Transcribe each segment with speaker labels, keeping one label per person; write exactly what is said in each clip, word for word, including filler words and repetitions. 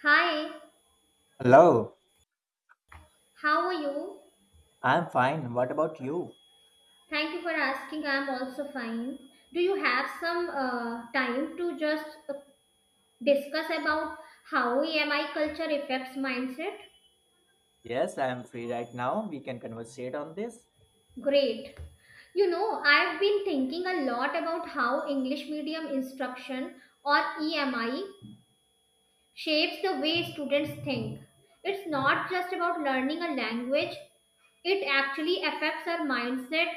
Speaker 1: Hi,
Speaker 2: Hello,
Speaker 1: how are you?
Speaker 2: I'm fine. What about you?
Speaker 1: Thank you for asking. I'm also fine. Do you have some uh, time to just uh, discuss about how E M I culture affects mindset?
Speaker 2: Yes, I'm free right now. We can conversate on this.
Speaker 1: Great. You know, I've been thinking a lot about how English medium instruction or E M I shapes the way students think. It's not just about learning a language. It actually affects our mindset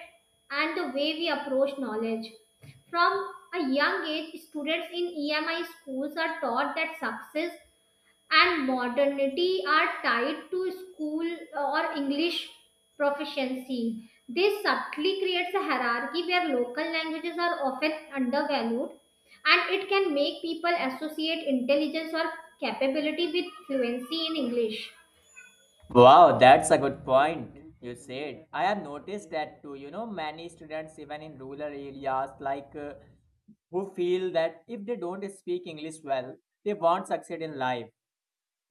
Speaker 1: and the way we approach knowledge. From a young age, students in E M I schools are taught that success and modernity are tied to school or English proficiency. This subtly creates a hierarchy where local languages are often undervalued, and it can make people associate intelligence or capability with fluency in English.
Speaker 2: Wow, that's a good point you said. I have noticed that too. You know, many students, even in rural areas, like uh, who feel that if they don't speak English well, they won't succeed in life.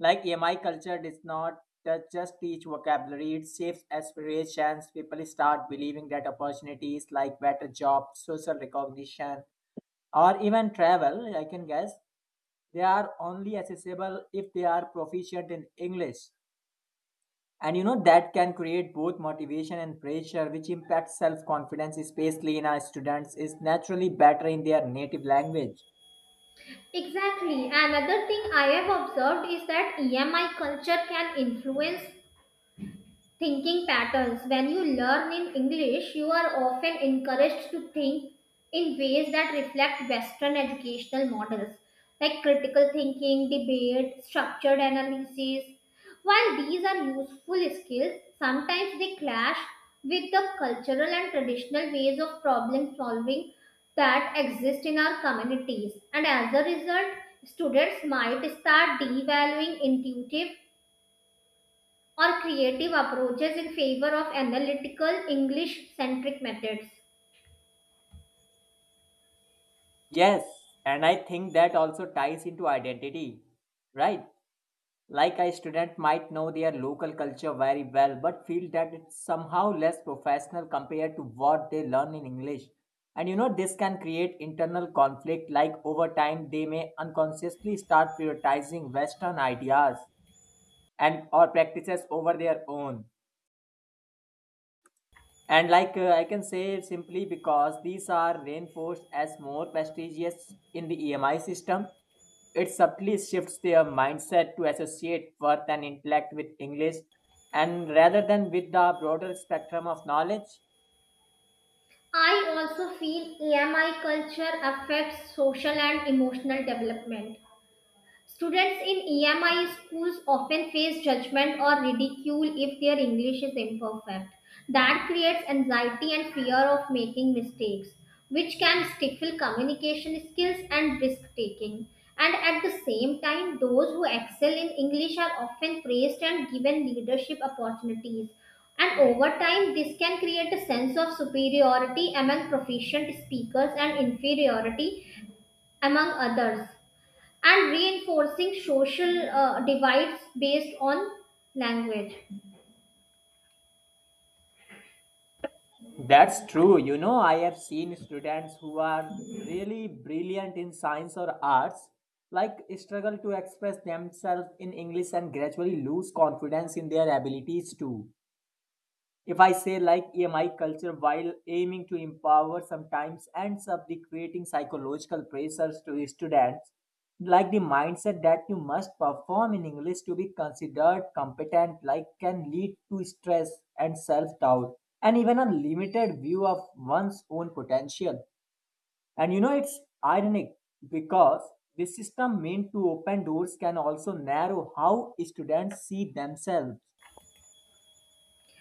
Speaker 2: Like E M I culture does not ju- just teach vocabulary, it shapes aspirations. People start believing that opportunities like better jobs, social recognition, or even travel, I can guess, they are only accessible if they are proficient in english. And you know, that can create both motivation and pressure, which impacts self-confidence, especially in our students is naturally better in their native language.
Speaker 1: Exactly. Another thing I have observed is that E M I culture can influence thinking patterns. When you learn in English, you are often encouraged to think in ways that reflect Western educational models like critical thinking, debate, structured analysis. While these are useful skills, sometimes they clash with the cultural and traditional ways of problem solving that exist in our communities. And as a result, students might start devaluing intuitive or creative approaches in favor of analytical English centric methods.
Speaker 2: Yes, and I think that also ties into identity, right? Like a student might know their local culture very well but feel that it's somehow less professional compared to what they learn in English. And you know, this can create internal conflict, like over time, they may unconsciously start prioritizing Western ideas and or practices over their own. And like uh, I can say simply because these are reinforced as more prestigious in the E M I system, it subtly shifts their mindset to associate worth and intellect with English and rather than with the broader spectrum of knowledge.
Speaker 1: I also feel A M I culture affects social and emotional development. Students in E M I schools often face judgment or ridicule if their English is imperfect. That creates anxiety and fear of making mistakes, which can stifle communication skills and risk taking. And at the same time, those who excel in English are often praised and given leadership opportunities. And over time, this can create a sense of superiority among proficient speakers and inferiority among others, and reinforcing social uh, divides based on language.
Speaker 2: That's true. You know, I have seen students who are really brilliant in science or arts, like struggle to express themselves in English and gradually lose confidence in their abilities too. If I say like E M I culture while aiming to empower sometimes ends up the creating psychological pressures to students, like the mindset that you must perform in English to be considered competent, like can lead to stress and self-doubt, and even a limited view of one's own potential. And you know, it's ironic because the system meant to open doors can also narrow how students see themselves.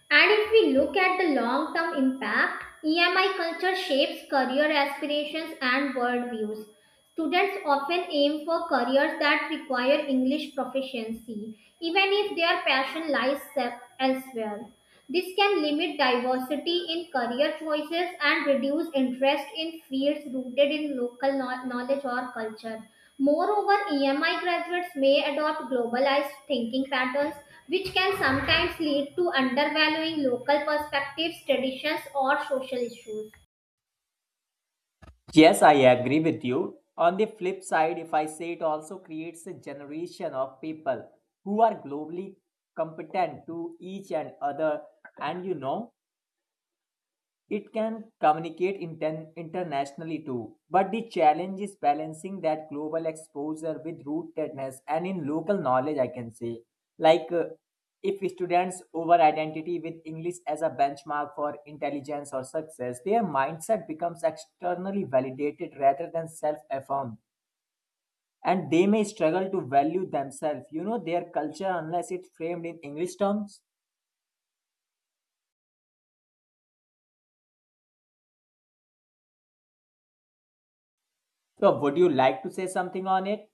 Speaker 1: And if we look at the long term impact, E M I culture shapes career aspirations and worldviews. Students often aim for careers that require English proficiency, even if their passion lies se- elsewhere. This can limit diversity in career choices and reduce interest in fields rooted in local kno- knowledge or culture. Moreover, E M I graduates may adopt globalized thinking patterns which can sometimes lead to undervaluing local perspectives, traditions, or social issues.
Speaker 2: Yes, I agree with you. On the flip side, if I say it also creates a generation of people who are globally competent to each and other, and you know, it can communicate inten- internationally too, but the challenge is balancing that global exposure with rootedness and in local knowledge, I can say. Like uh, if students over identity with English as a benchmark for intelligence or success, their mindset becomes externally validated rather than self affirmed. And they may struggle to value themselves, you know, their culture unless it's framed in English terms. So, would you like to say something on it?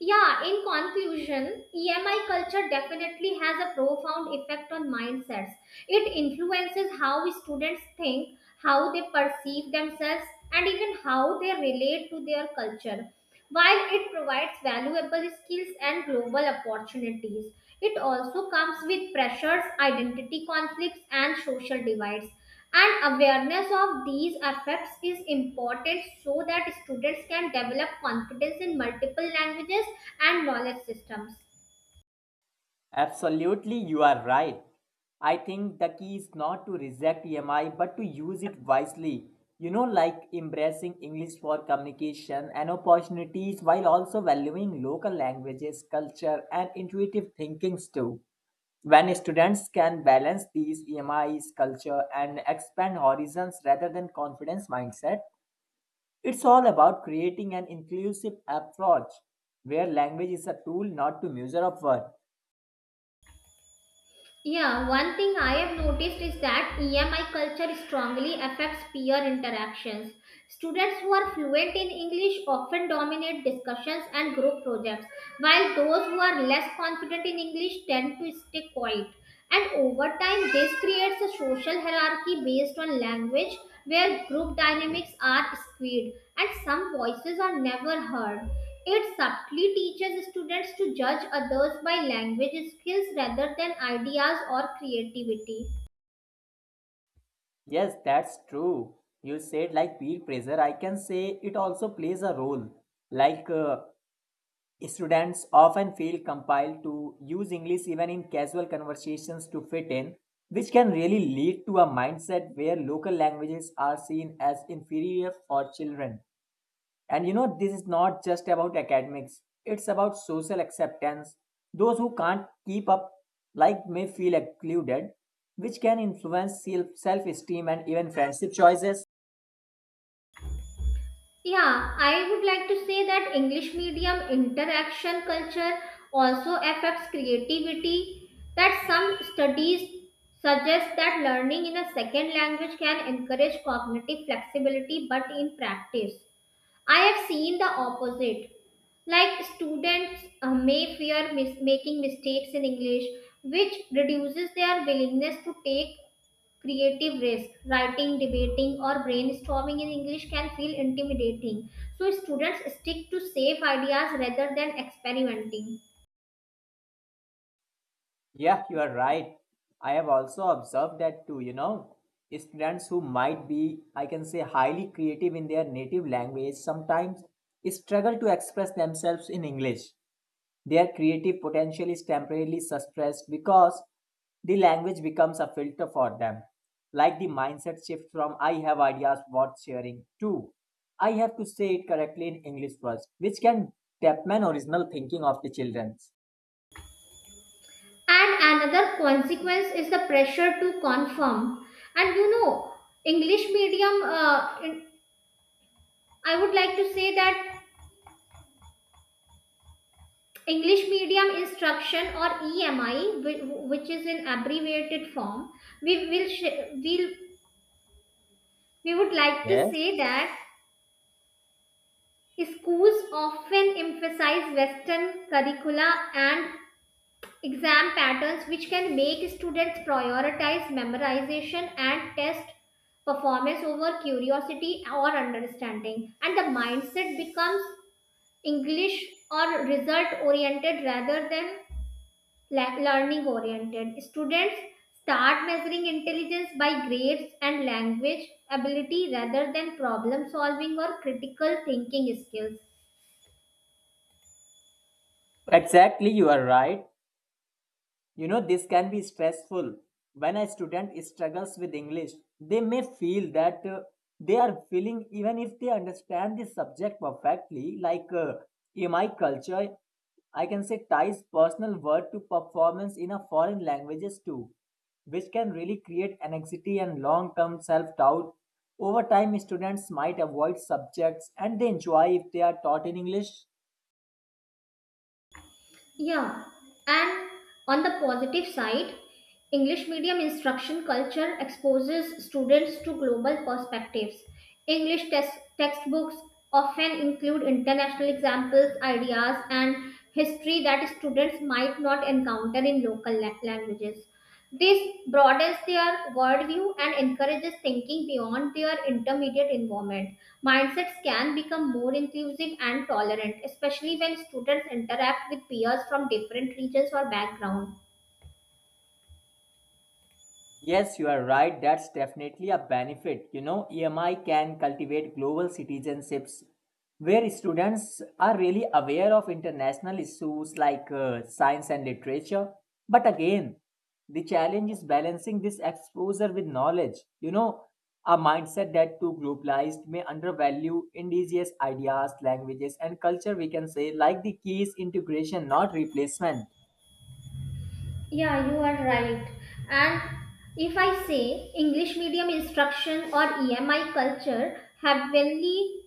Speaker 1: Yeah, in conclusion, E M I culture definitely has a profound effect on mindsets. It influences how students think, how they perceive themselves, and even how they relate to their culture. While it provides valuable skills and global opportunities, it also comes with pressures, identity conflicts, and social divides, and awareness of these effects is important so that students can develop confidence in multiple languages and knowledge systems.
Speaker 2: Absolutely, you are right. I think the key is not to reject E M I but to use it wisely. You know, like embracing English for communication and opportunities while also valuing local languages, culture, and intuitive thinkings too. When students can balance these E M Is, culture, and expand horizons rather than confidence mindset, it's all about creating an inclusive approach where language is a tool, not to measure of worth.
Speaker 1: Yeah, one thing I have noticed is that E M I culture strongly affects peer interactions. Students who are fluent in English often dominate discussions and group projects, while those who are less confident in English tend to stay quiet. And over time, this creates a social hierarchy based on language where group dynamics are skewed and some voices are never heard. It subtly teaches students to judge others by language skills rather than ideas or creativity.
Speaker 2: Yes, that's true. You said like peer pressure, I can say it also plays a role. Like uh, students often feel compelled to use English even in casual conversations to fit in, which can really lead to a mindset where local languages are seen as inferior for children. And you know, this is not just about academics, it's about social acceptance. Those who can't keep up, like, may feel excluded, which can influence self esteem and even friendship choices.
Speaker 1: Yeah, I would like to say that English medium interaction culture also affects creativity. That some studies suggest that learning in a second language can encourage cognitive flexibility, but in practice, I have seen the opposite. Like students uh, may fear mis- making mistakes in English, which reduces their willingness to take creative risk. Writing, debating, or brainstorming in English can feel intimidating. So students stick to safe ideas rather than experimenting.
Speaker 2: Yeah, you are right. I have also observed that too, you know. Students who might be, I can say, highly creative in their native language sometimes struggle to express themselves in English. Their creative potential is temporarily suppressed because the language becomes a filter for them. Like the mindset shift from I have ideas worth sharing to I have to say it correctly in English first, which can dampen original thinking of the children.
Speaker 1: And another consequence is the pressure to conform. And you know, English medium, uh, in- I would like to say that English medium instruction or E M I, whi- which is in abbreviated form, we will sh- we'll, we would like to
Speaker 2: Yes,
Speaker 1: say that schools often emphasize Western curricula and exam patterns, which can make students prioritize memorization and test performance over curiosity or understanding, and the mindset becomes English or result oriented rather than learning oriented. Students start measuring intelligence by grades and language ability rather than problem solving or critical thinking skills.
Speaker 2: exactly, you are right. You know, this can be stressful. When a student struggles with English, they may feel that uh, they are feeling, even if they understand the subject perfectly, like uh, in my culture, I can say ties personal word to performance in a foreign languages too, which can really create anxiety and long-term self-doubt. Over time, students might avoid subjects and they enjoy if they are taught in English.
Speaker 1: Yeah, and on the positive side, English medium instruction culture exposes students to global perspectives. English test- textbooks often include international examples, ideas, and history that students might not encounter in local la- languages. This broadens their worldview and encourages thinking beyond their intermediate environment. Mindsets can become more inclusive and tolerant, especially when students interact with peers from different regions or backgrounds.
Speaker 2: Yes, you are right. That's definitely a benefit. You know, E M I can cultivate global citizenships where students are really aware of international issues like uh, science and literature. But again, the challenge is balancing this exposure with knowledge. You know, a mindset that too globalized may undervalue indigenous ideas, languages, and culture, we can say, like the key is integration, not replacement.
Speaker 1: Yeah, you are right. And if I say English medium instruction or E M I culture have heavily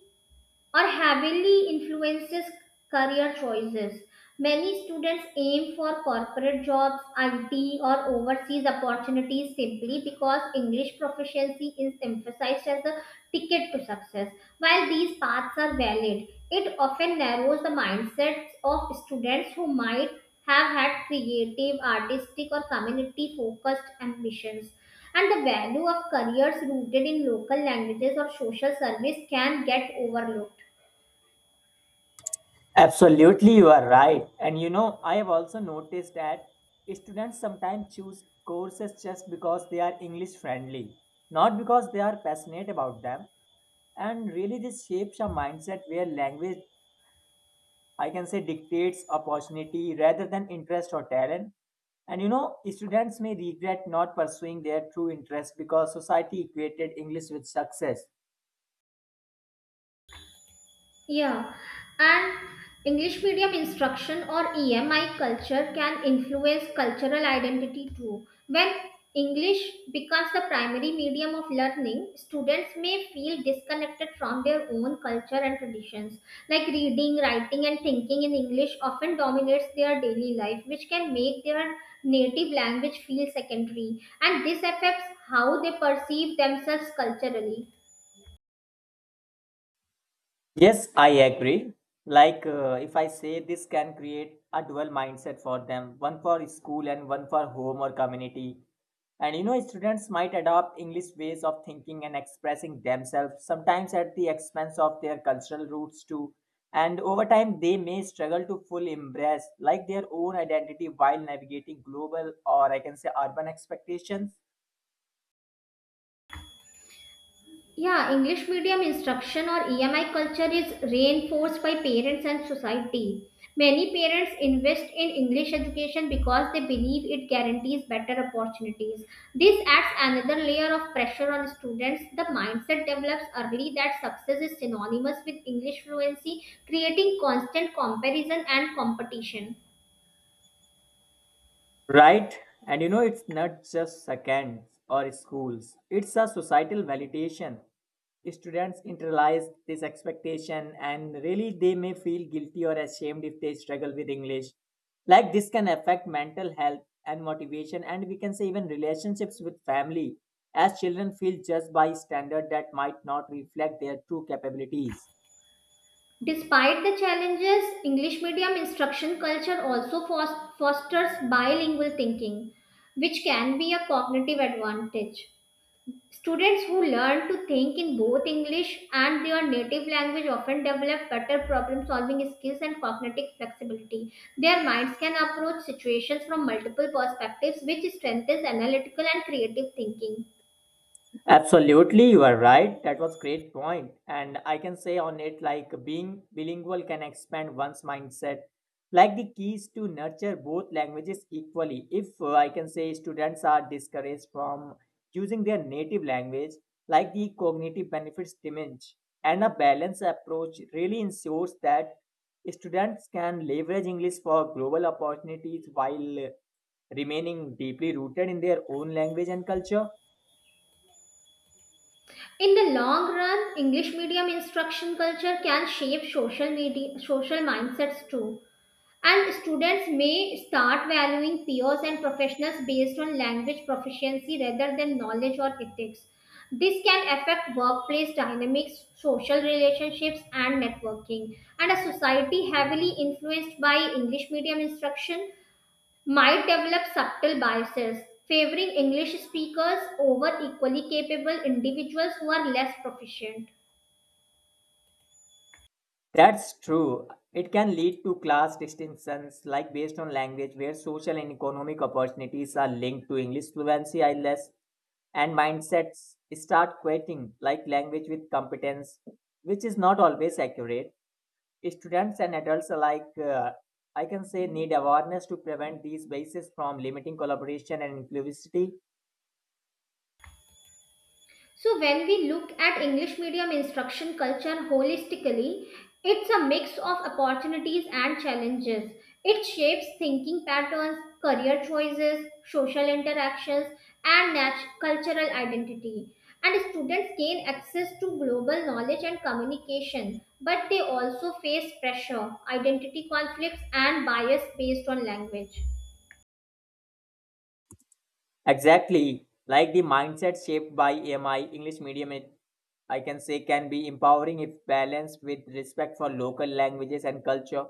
Speaker 1: or heavily influences career choices. Many students aim for corporate jobs, I T, or overseas opportunities simply because English proficiency is emphasized as a ticket to success. While these paths are valid, it often narrows the mindsets of students who might have had creative, artistic, or community focused ambitions, and the value of careers rooted in local languages or social service can get overlooked.
Speaker 2: Absolutely, you are right. And you know, I have also noticed that students sometimes choose courses just because they are English friendly, not because they are passionate about them. And really, this shapes a mindset where language, I can say, dictates opportunity rather than interest or talent. And you know, students may regret not pursuing their true interest because society equated English with success.
Speaker 1: Yeah, and English medium instruction or E M I culture can influence cultural identity too. When English becomes the primary medium of learning, students may feel disconnected from their own culture and traditions. Like reading, writing, and thinking in English often dominates their daily life, which can make their native language feel secondary. And this affects how they perceive themselves culturally.
Speaker 2: Yes, I agree. Like, uh, if I say this can create a dual mindset for them, one for school and one for home or community. And you know, students might adopt English ways of thinking and expressing themselves, sometimes at the expense of their cultural roots too. And over time, they may struggle to fully embrace like their own identity while navigating global or I can say urban expectations.
Speaker 1: Yeah, English medium instruction or E M I culture is reinforced by parents and society. Many parents invest in English education because they believe it guarantees better opportunities. This adds another layer of pressure on students. The mindset develops early that success is synonymous with English fluency, creating constant comparison and competition.
Speaker 2: Right? And you know, it's not just seconds or schools, it's a societal validation. Students internalize this expectation and really they may feel guilty or ashamed if they struggle with English. Like this can affect mental health and motivation, and we can say even relationships with family, as children feel judged by standards that might not reflect their true capabilities.
Speaker 1: Despite the challenges, English medium instruction culture also fos- fosters bilingual thinking, which can be a cognitive advantage. Students who learn to think in both English and their native language often develop better problem solving skills and cognitive flexibility. Their minds can approach situations from multiple perspectives, which strengthens analytical and creative thinking.
Speaker 2: Absolutely, you are right. That was great point. And I can say on it like being bilingual can expand one's mindset. Like the keys to nurture both languages equally. If uh, I can say students are discouraged from using their native language, like the cognitive benefits diminish. And a balanced approach really ensures that students can leverage English for global opportunities while uh, remaining deeply rooted in their own language and culture.
Speaker 1: In the long run, English medium instruction culture can shape social media, social mindsets too. And students may start valuing peers and professionals based on language proficiency rather than knowledge or ethics. This can affect workplace dynamics, social relationships, and networking. And a society heavily influenced by English medium instruction might develop subtle biases, favoring English speakers over equally capable individuals who are less proficient.
Speaker 2: That's true. It can lead to class distinctions, like based on language, where social and economic opportunities are linked to English fluency, I E L T S, and mindsets start equating like language with competence, which is not always accurate. Students and adults alike, uh, I can say, need awareness to prevent these biases from limiting collaboration and inclusivity.
Speaker 1: So, when we look at English medium instruction culture holistically, it's a mix of opportunities and challenges. It shapes thinking patterns, career choices, social interactions, and nat- cultural identity. And students gain access to global knowledge and communication, but they also face pressure, identity conflicts, and bias based on language.
Speaker 2: Exactly. Like the mindset shaped by E M I, English medium, it, I can say, can be empowering if balanced with respect for local languages and culture.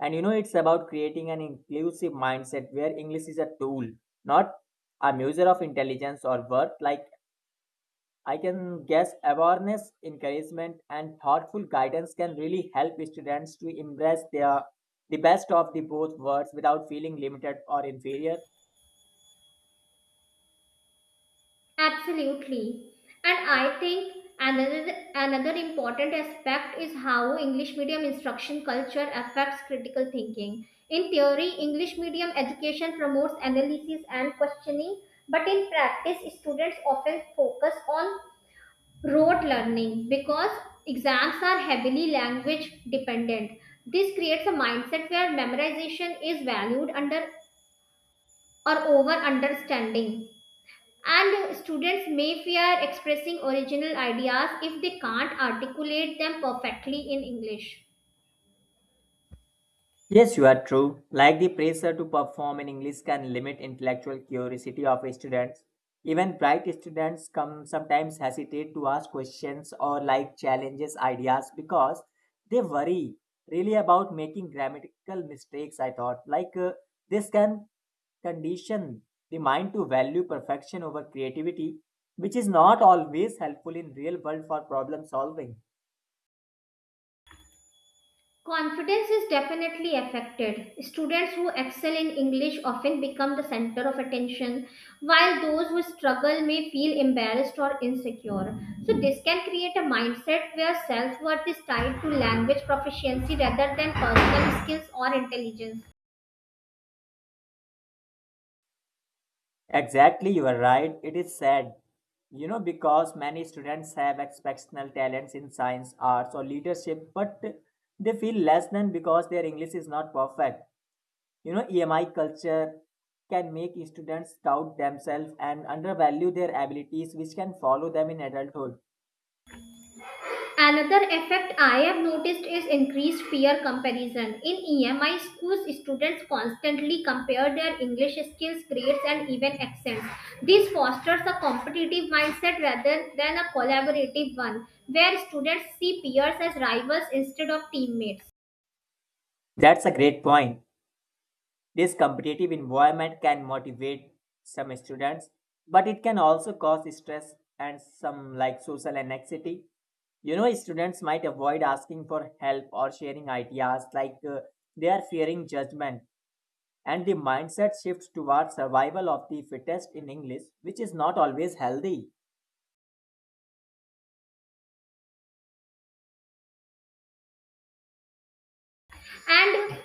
Speaker 2: And you know, it's about creating an inclusive mindset where English is a tool, not a measure of intelligence or worth. Like, I can guess awareness, encouragement, and thoughtful guidance can really help students to embrace their the best of the both worlds without feeling limited or inferior.
Speaker 1: Absolutely. And I think another another important aspect is how English medium instruction culture affects critical thinking. In theory, English medium education promotes analysis and questioning, but in practice, students often focus on rote learning because exams are heavily language dependent. This creates a mindset where memorization is valued under or over understanding. And students may fear expressing original ideas if they can't articulate them perfectly in English.
Speaker 2: Yes, you are true. Like the pressure to perform in English can limit intellectual curiosity of students. Even bright students come sometimes hesitate to ask questions or like challenges ideas because they worry really about making grammatical mistakes. I thought like uh, this can condition the mind to value perfection over creativity, which is not always helpful in real world for problem solving.
Speaker 1: Confidence is definitely affected. Students who excel in English often become the center of attention, while those who struggle may feel embarrassed or insecure. So, this can create a mindset where self worth is tied to language proficiency rather than personal skills or intelligence.
Speaker 2: Exactly, you are right. It is sad, you know, because many students have exceptional talents in science, arts, or leadership, but they feel less than because their English is not perfect. You know, E M I culture can make students doubt themselves and undervalue their abilities, which can follow them in adulthood.
Speaker 1: Another effect I have noticed is increased peer comparison. In E M I schools, students constantly compare their English skills, grades, and even accents. This fosters a competitive mindset rather than a collaborative one, where students see peers as rivals instead of teammates.
Speaker 2: That's a great point. This competitive environment can motivate some students, but it can also cause stress and some like social anxiety. You know, students might avoid asking for help or sharing ideas like uh, they are fearing judgment, and the mindset shifts towards survival of the fittest in English, which is not always healthy.
Speaker 1: And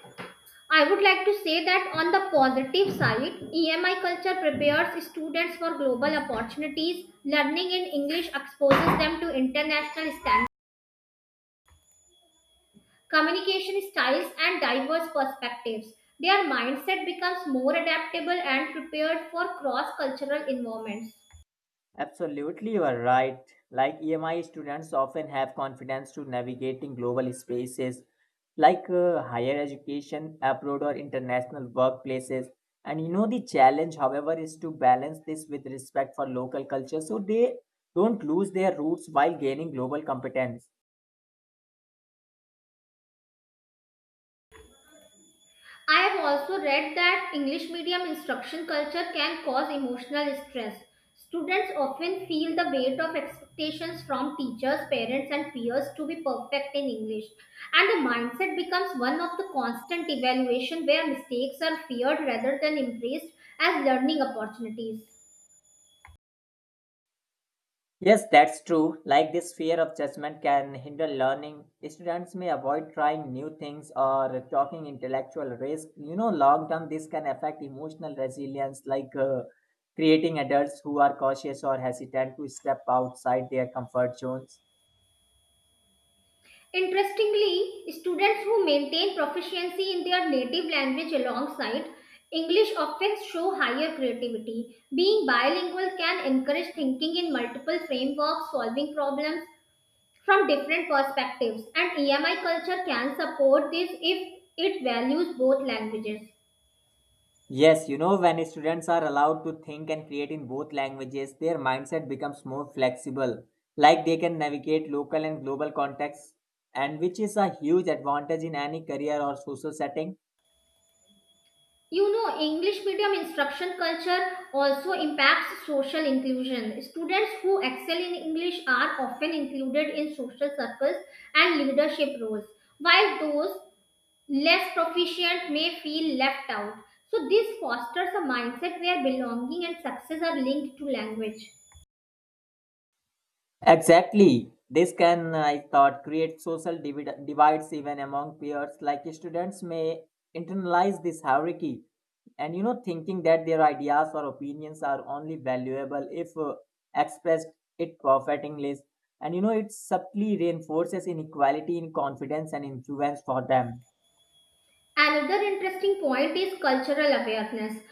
Speaker 1: I would like to say that on the positive side, E M I culture prepares students for global opportunities. Learning in English exposes them to international standards, communication styles, and diverse perspectives. Their mindset becomes more adaptable and prepared for cross cultural environments.
Speaker 2: Absolutely, you are right. Like E M I students often have confidence to navigating global spaces like uh, higher education, abroad, or international workplaces. And you know, the challenge, however, is to balance this with respect for local culture so they don't lose their roots while gaining global competence.
Speaker 1: I have also read that English medium instruction culture can cause emotional stress. Students often feel the weight of expectations from teachers, parents, and peers to be perfect in English. And the mindset becomes one of the constant evaluation where mistakes are feared rather than embraced as learning opportunities.
Speaker 2: Yes, that's true. Like this fear of judgment can hinder learning. Students may avoid trying new things or talking intellectual risk. You know, long term, this can affect emotional resilience, like uh, creating adults who are cautious or hesitant to step outside their comfort zones.
Speaker 1: Interestingly, students who maintain proficiency in their native language alongside English often show higher creativity. Being bilingual can encourage thinking in multiple frameworks, solving problems from different perspectives, and E M I culture can support this if it values both languages.
Speaker 2: Yes, you know, when students are allowed to think and create in both languages, their mindset becomes more flexible. Like they can navigate local and global contexts, and which is a huge advantage in any career or social setting.
Speaker 1: You know, English medium instruction culture also impacts social inclusion. Students who excel in English are often included in social circles and leadership roles, while those less proficient may feel left out. So, this fosters a mindset where belonging and success are linked to language.
Speaker 2: Exactly. This can, I thought, create social divid- divides even among peers. Like students may internalize this hierarchy and, you know, thinking that their ideas or opinions are only valuable if uh, expressed it perfectingly. And, you know, it subtly reinforces inequality in confidence and influence for them.
Speaker 1: Another interesting point is cultural awareness.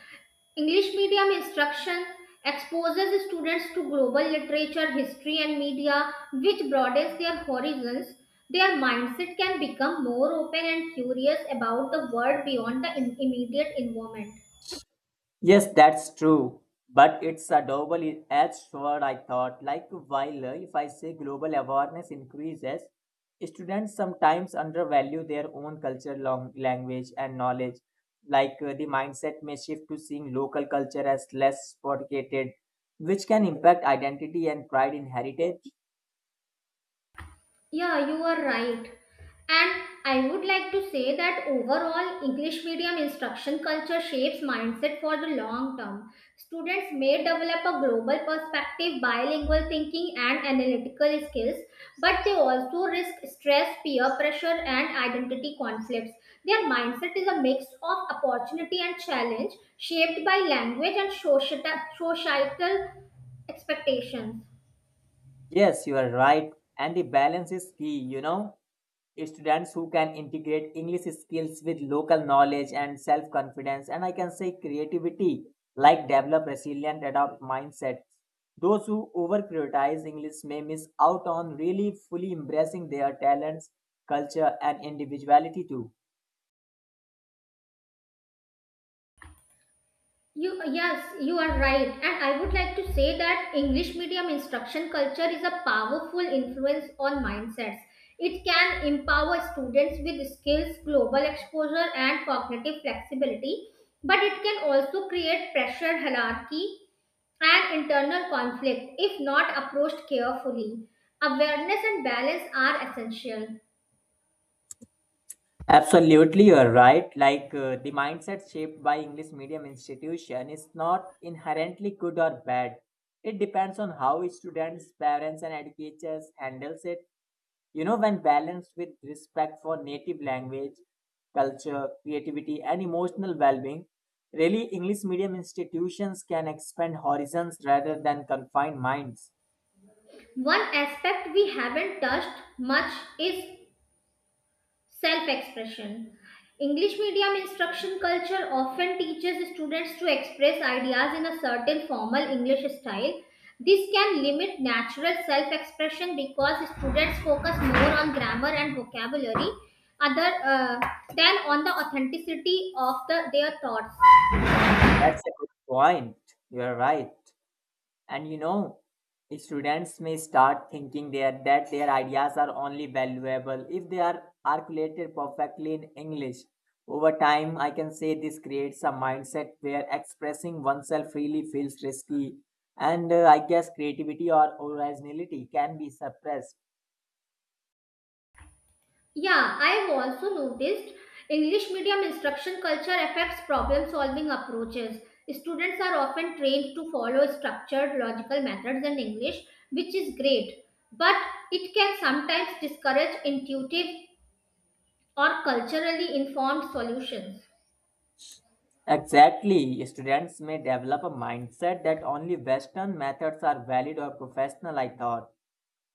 Speaker 1: English medium instruction exposes students to global literature, history, and media, which broadens their horizons. Their mindset can become more open and curious about the world beyond the in- immediate environment.
Speaker 2: Yes, that's true. But it's a double-edged sword, I thought. Like, while uh, if I say global awareness increases, students sometimes undervalue their own culture, long, language, and knowledge. Like, uh, the mindset may shift to seeing local culture as less fortified, which can impact identity and pride in heritage.
Speaker 1: Yeah, you are right. And I would like to say that overall, English medium instruction culture shapes mindset for the long term. Students may develop a global perspective, bilingual thinking, and analytical skills, but they also risk stress, peer pressure, and identity conflicts. Their mindset is a mix of opportunity and challenge, shaped by language and societa- societal expectations.
Speaker 2: Yes, you are right. And the balance is key, you know? Students who can integrate English skills with local knowledge and self confidence, and I can say creativity, like develop resilient, adopt mindset. Those who over prioritize English may miss out on really fully embracing their talents, culture, and individuality too.
Speaker 1: You Yes, you are right. And I would like to say that English medium instruction culture is a powerful influence on mindsets. It can empower students with skills, global exposure, and cognitive flexibility, but it can also create pressure, hierarchy, and internal conflict if not approached carefully. Awareness and balance are essential.
Speaker 2: Absolutely, you're right. Like uh, the mindset shaped by English medium institution is not inherently good or bad. It depends on how students, parents, and educators handles it. You know, when balanced with respect for native language, culture, creativity, and emotional well being, really English medium institutions can expand horizons rather than confine minds.
Speaker 1: One aspect we haven't touched much is self expression. English medium instruction culture often teaches students to express ideas in a certain formal English style. This can limit natural self expression because students focus more on grammar and vocabulary other, uh, than on the authenticity of the, their thoughts.
Speaker 2: That's a good point. You're right. And you know, students may start thinking there that their ideas are only valuable if they are articulated perfectly in English. Over time, I can say this creates a mindset where expressing oneself freely feels risky, and uh, I guess creativity or originality can be suppressed.
Speaker 1: Yeah, I've also noticed English medium instruction culture affects problem solving approaches. Students are often trained to follow structured logical methods in English, which is great, but it can sometimes discourage intuitive or culturally informed solutions.
Speaker 2: Exactly, students may develop a mindset that only Western methods are valid or professional, I thought.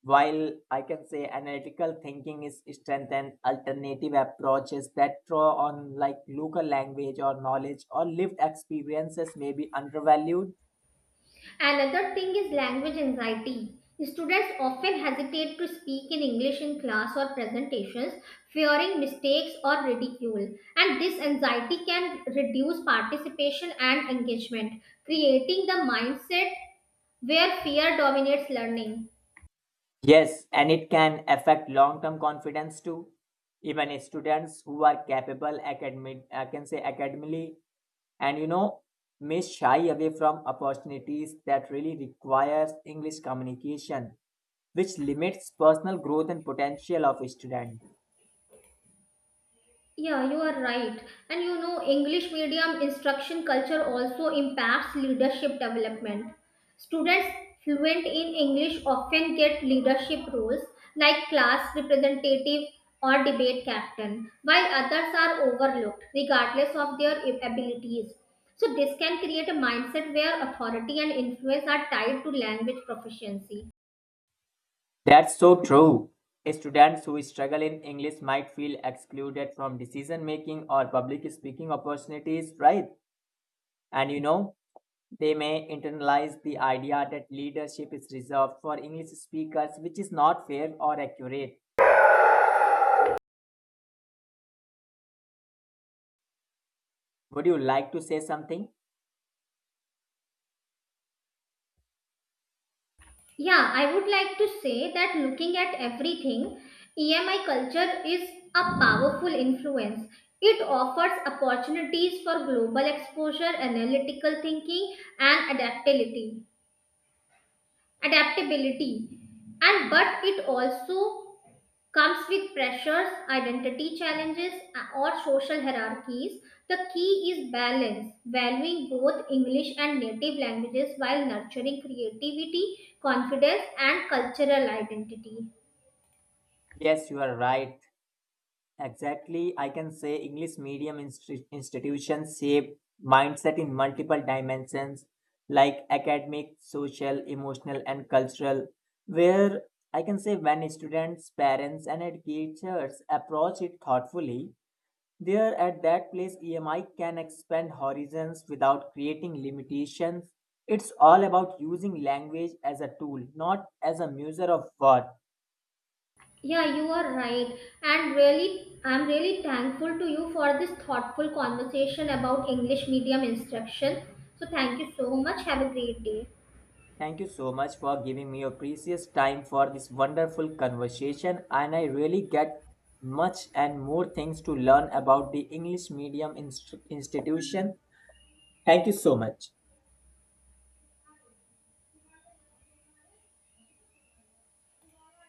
Speaker 2: While I can say analytical thinking is strengthened, alternative approaches that draw on like local language or knowledge or lived experiences may be undervalued.
Speaker 1: Another thing is language anxiety. Students often hesitate to speak in English in class or presentations, fearing mistakes or ridicule. And this anxiety can reduce participation and engagement, creating the mindset where fear dominates learning.
Speaker 2: Yes, and it can affect long-term confidence too. Even students who are capable academic, I can say academically, and you know, may shy away from opportunities that really requires English communication, which limits personal growth and potential of a student.
Speaker 1: Yeah, you are right. And you know, English medium instruction culture also impacts leadership development. Students fluent in English often get leadership roles like class representative or debate captain, while others are overlooked regardless of their abilities. So, this can create a mindset where authority and influence are tied to language proficiency.
Speaker 2: That's so true. Students who struggle in English might feel excluded from decision making or public speaking opportunities, right? And you know, they may internalize the idea that leadership is reserved for English speakers, which is not fair or accurate. Would you like to say something?
Speaker 1: Yeah, I would like to say that looking at everything, E M I culture is a powerful influence. It offers opportunities for global exposure, analytical thinking, and adaptability. Adaptability, and but it also comes with pressures, identity challenges, or social hierarchies. The key is balance, valuing both English and native languages while nurturing creativity, confidence, and cultural identity.
Speaker 2: Yes, you are right. Exactly, I can say English medium insti- institutions shape mindset in multiple dimensions like academic, social, emotional, and cultural. Where I can say when students, parents, and educators approach it thoughtfully, there at that place E M I can expand horizons without creating limitations. It's all about using language as a tool, not as a measure of worth.
Speaker 1: Yeah, you are right. And really, I'm really thankful to you for this thoughtful conversation about English medium instruction. So, thank you so much. Have a great day.
Speaker 2: Thank you so much for giving me your precious time for this wonderful conversation. And I really get much and more things to learn about the English medium inst- institution. Thank you so much.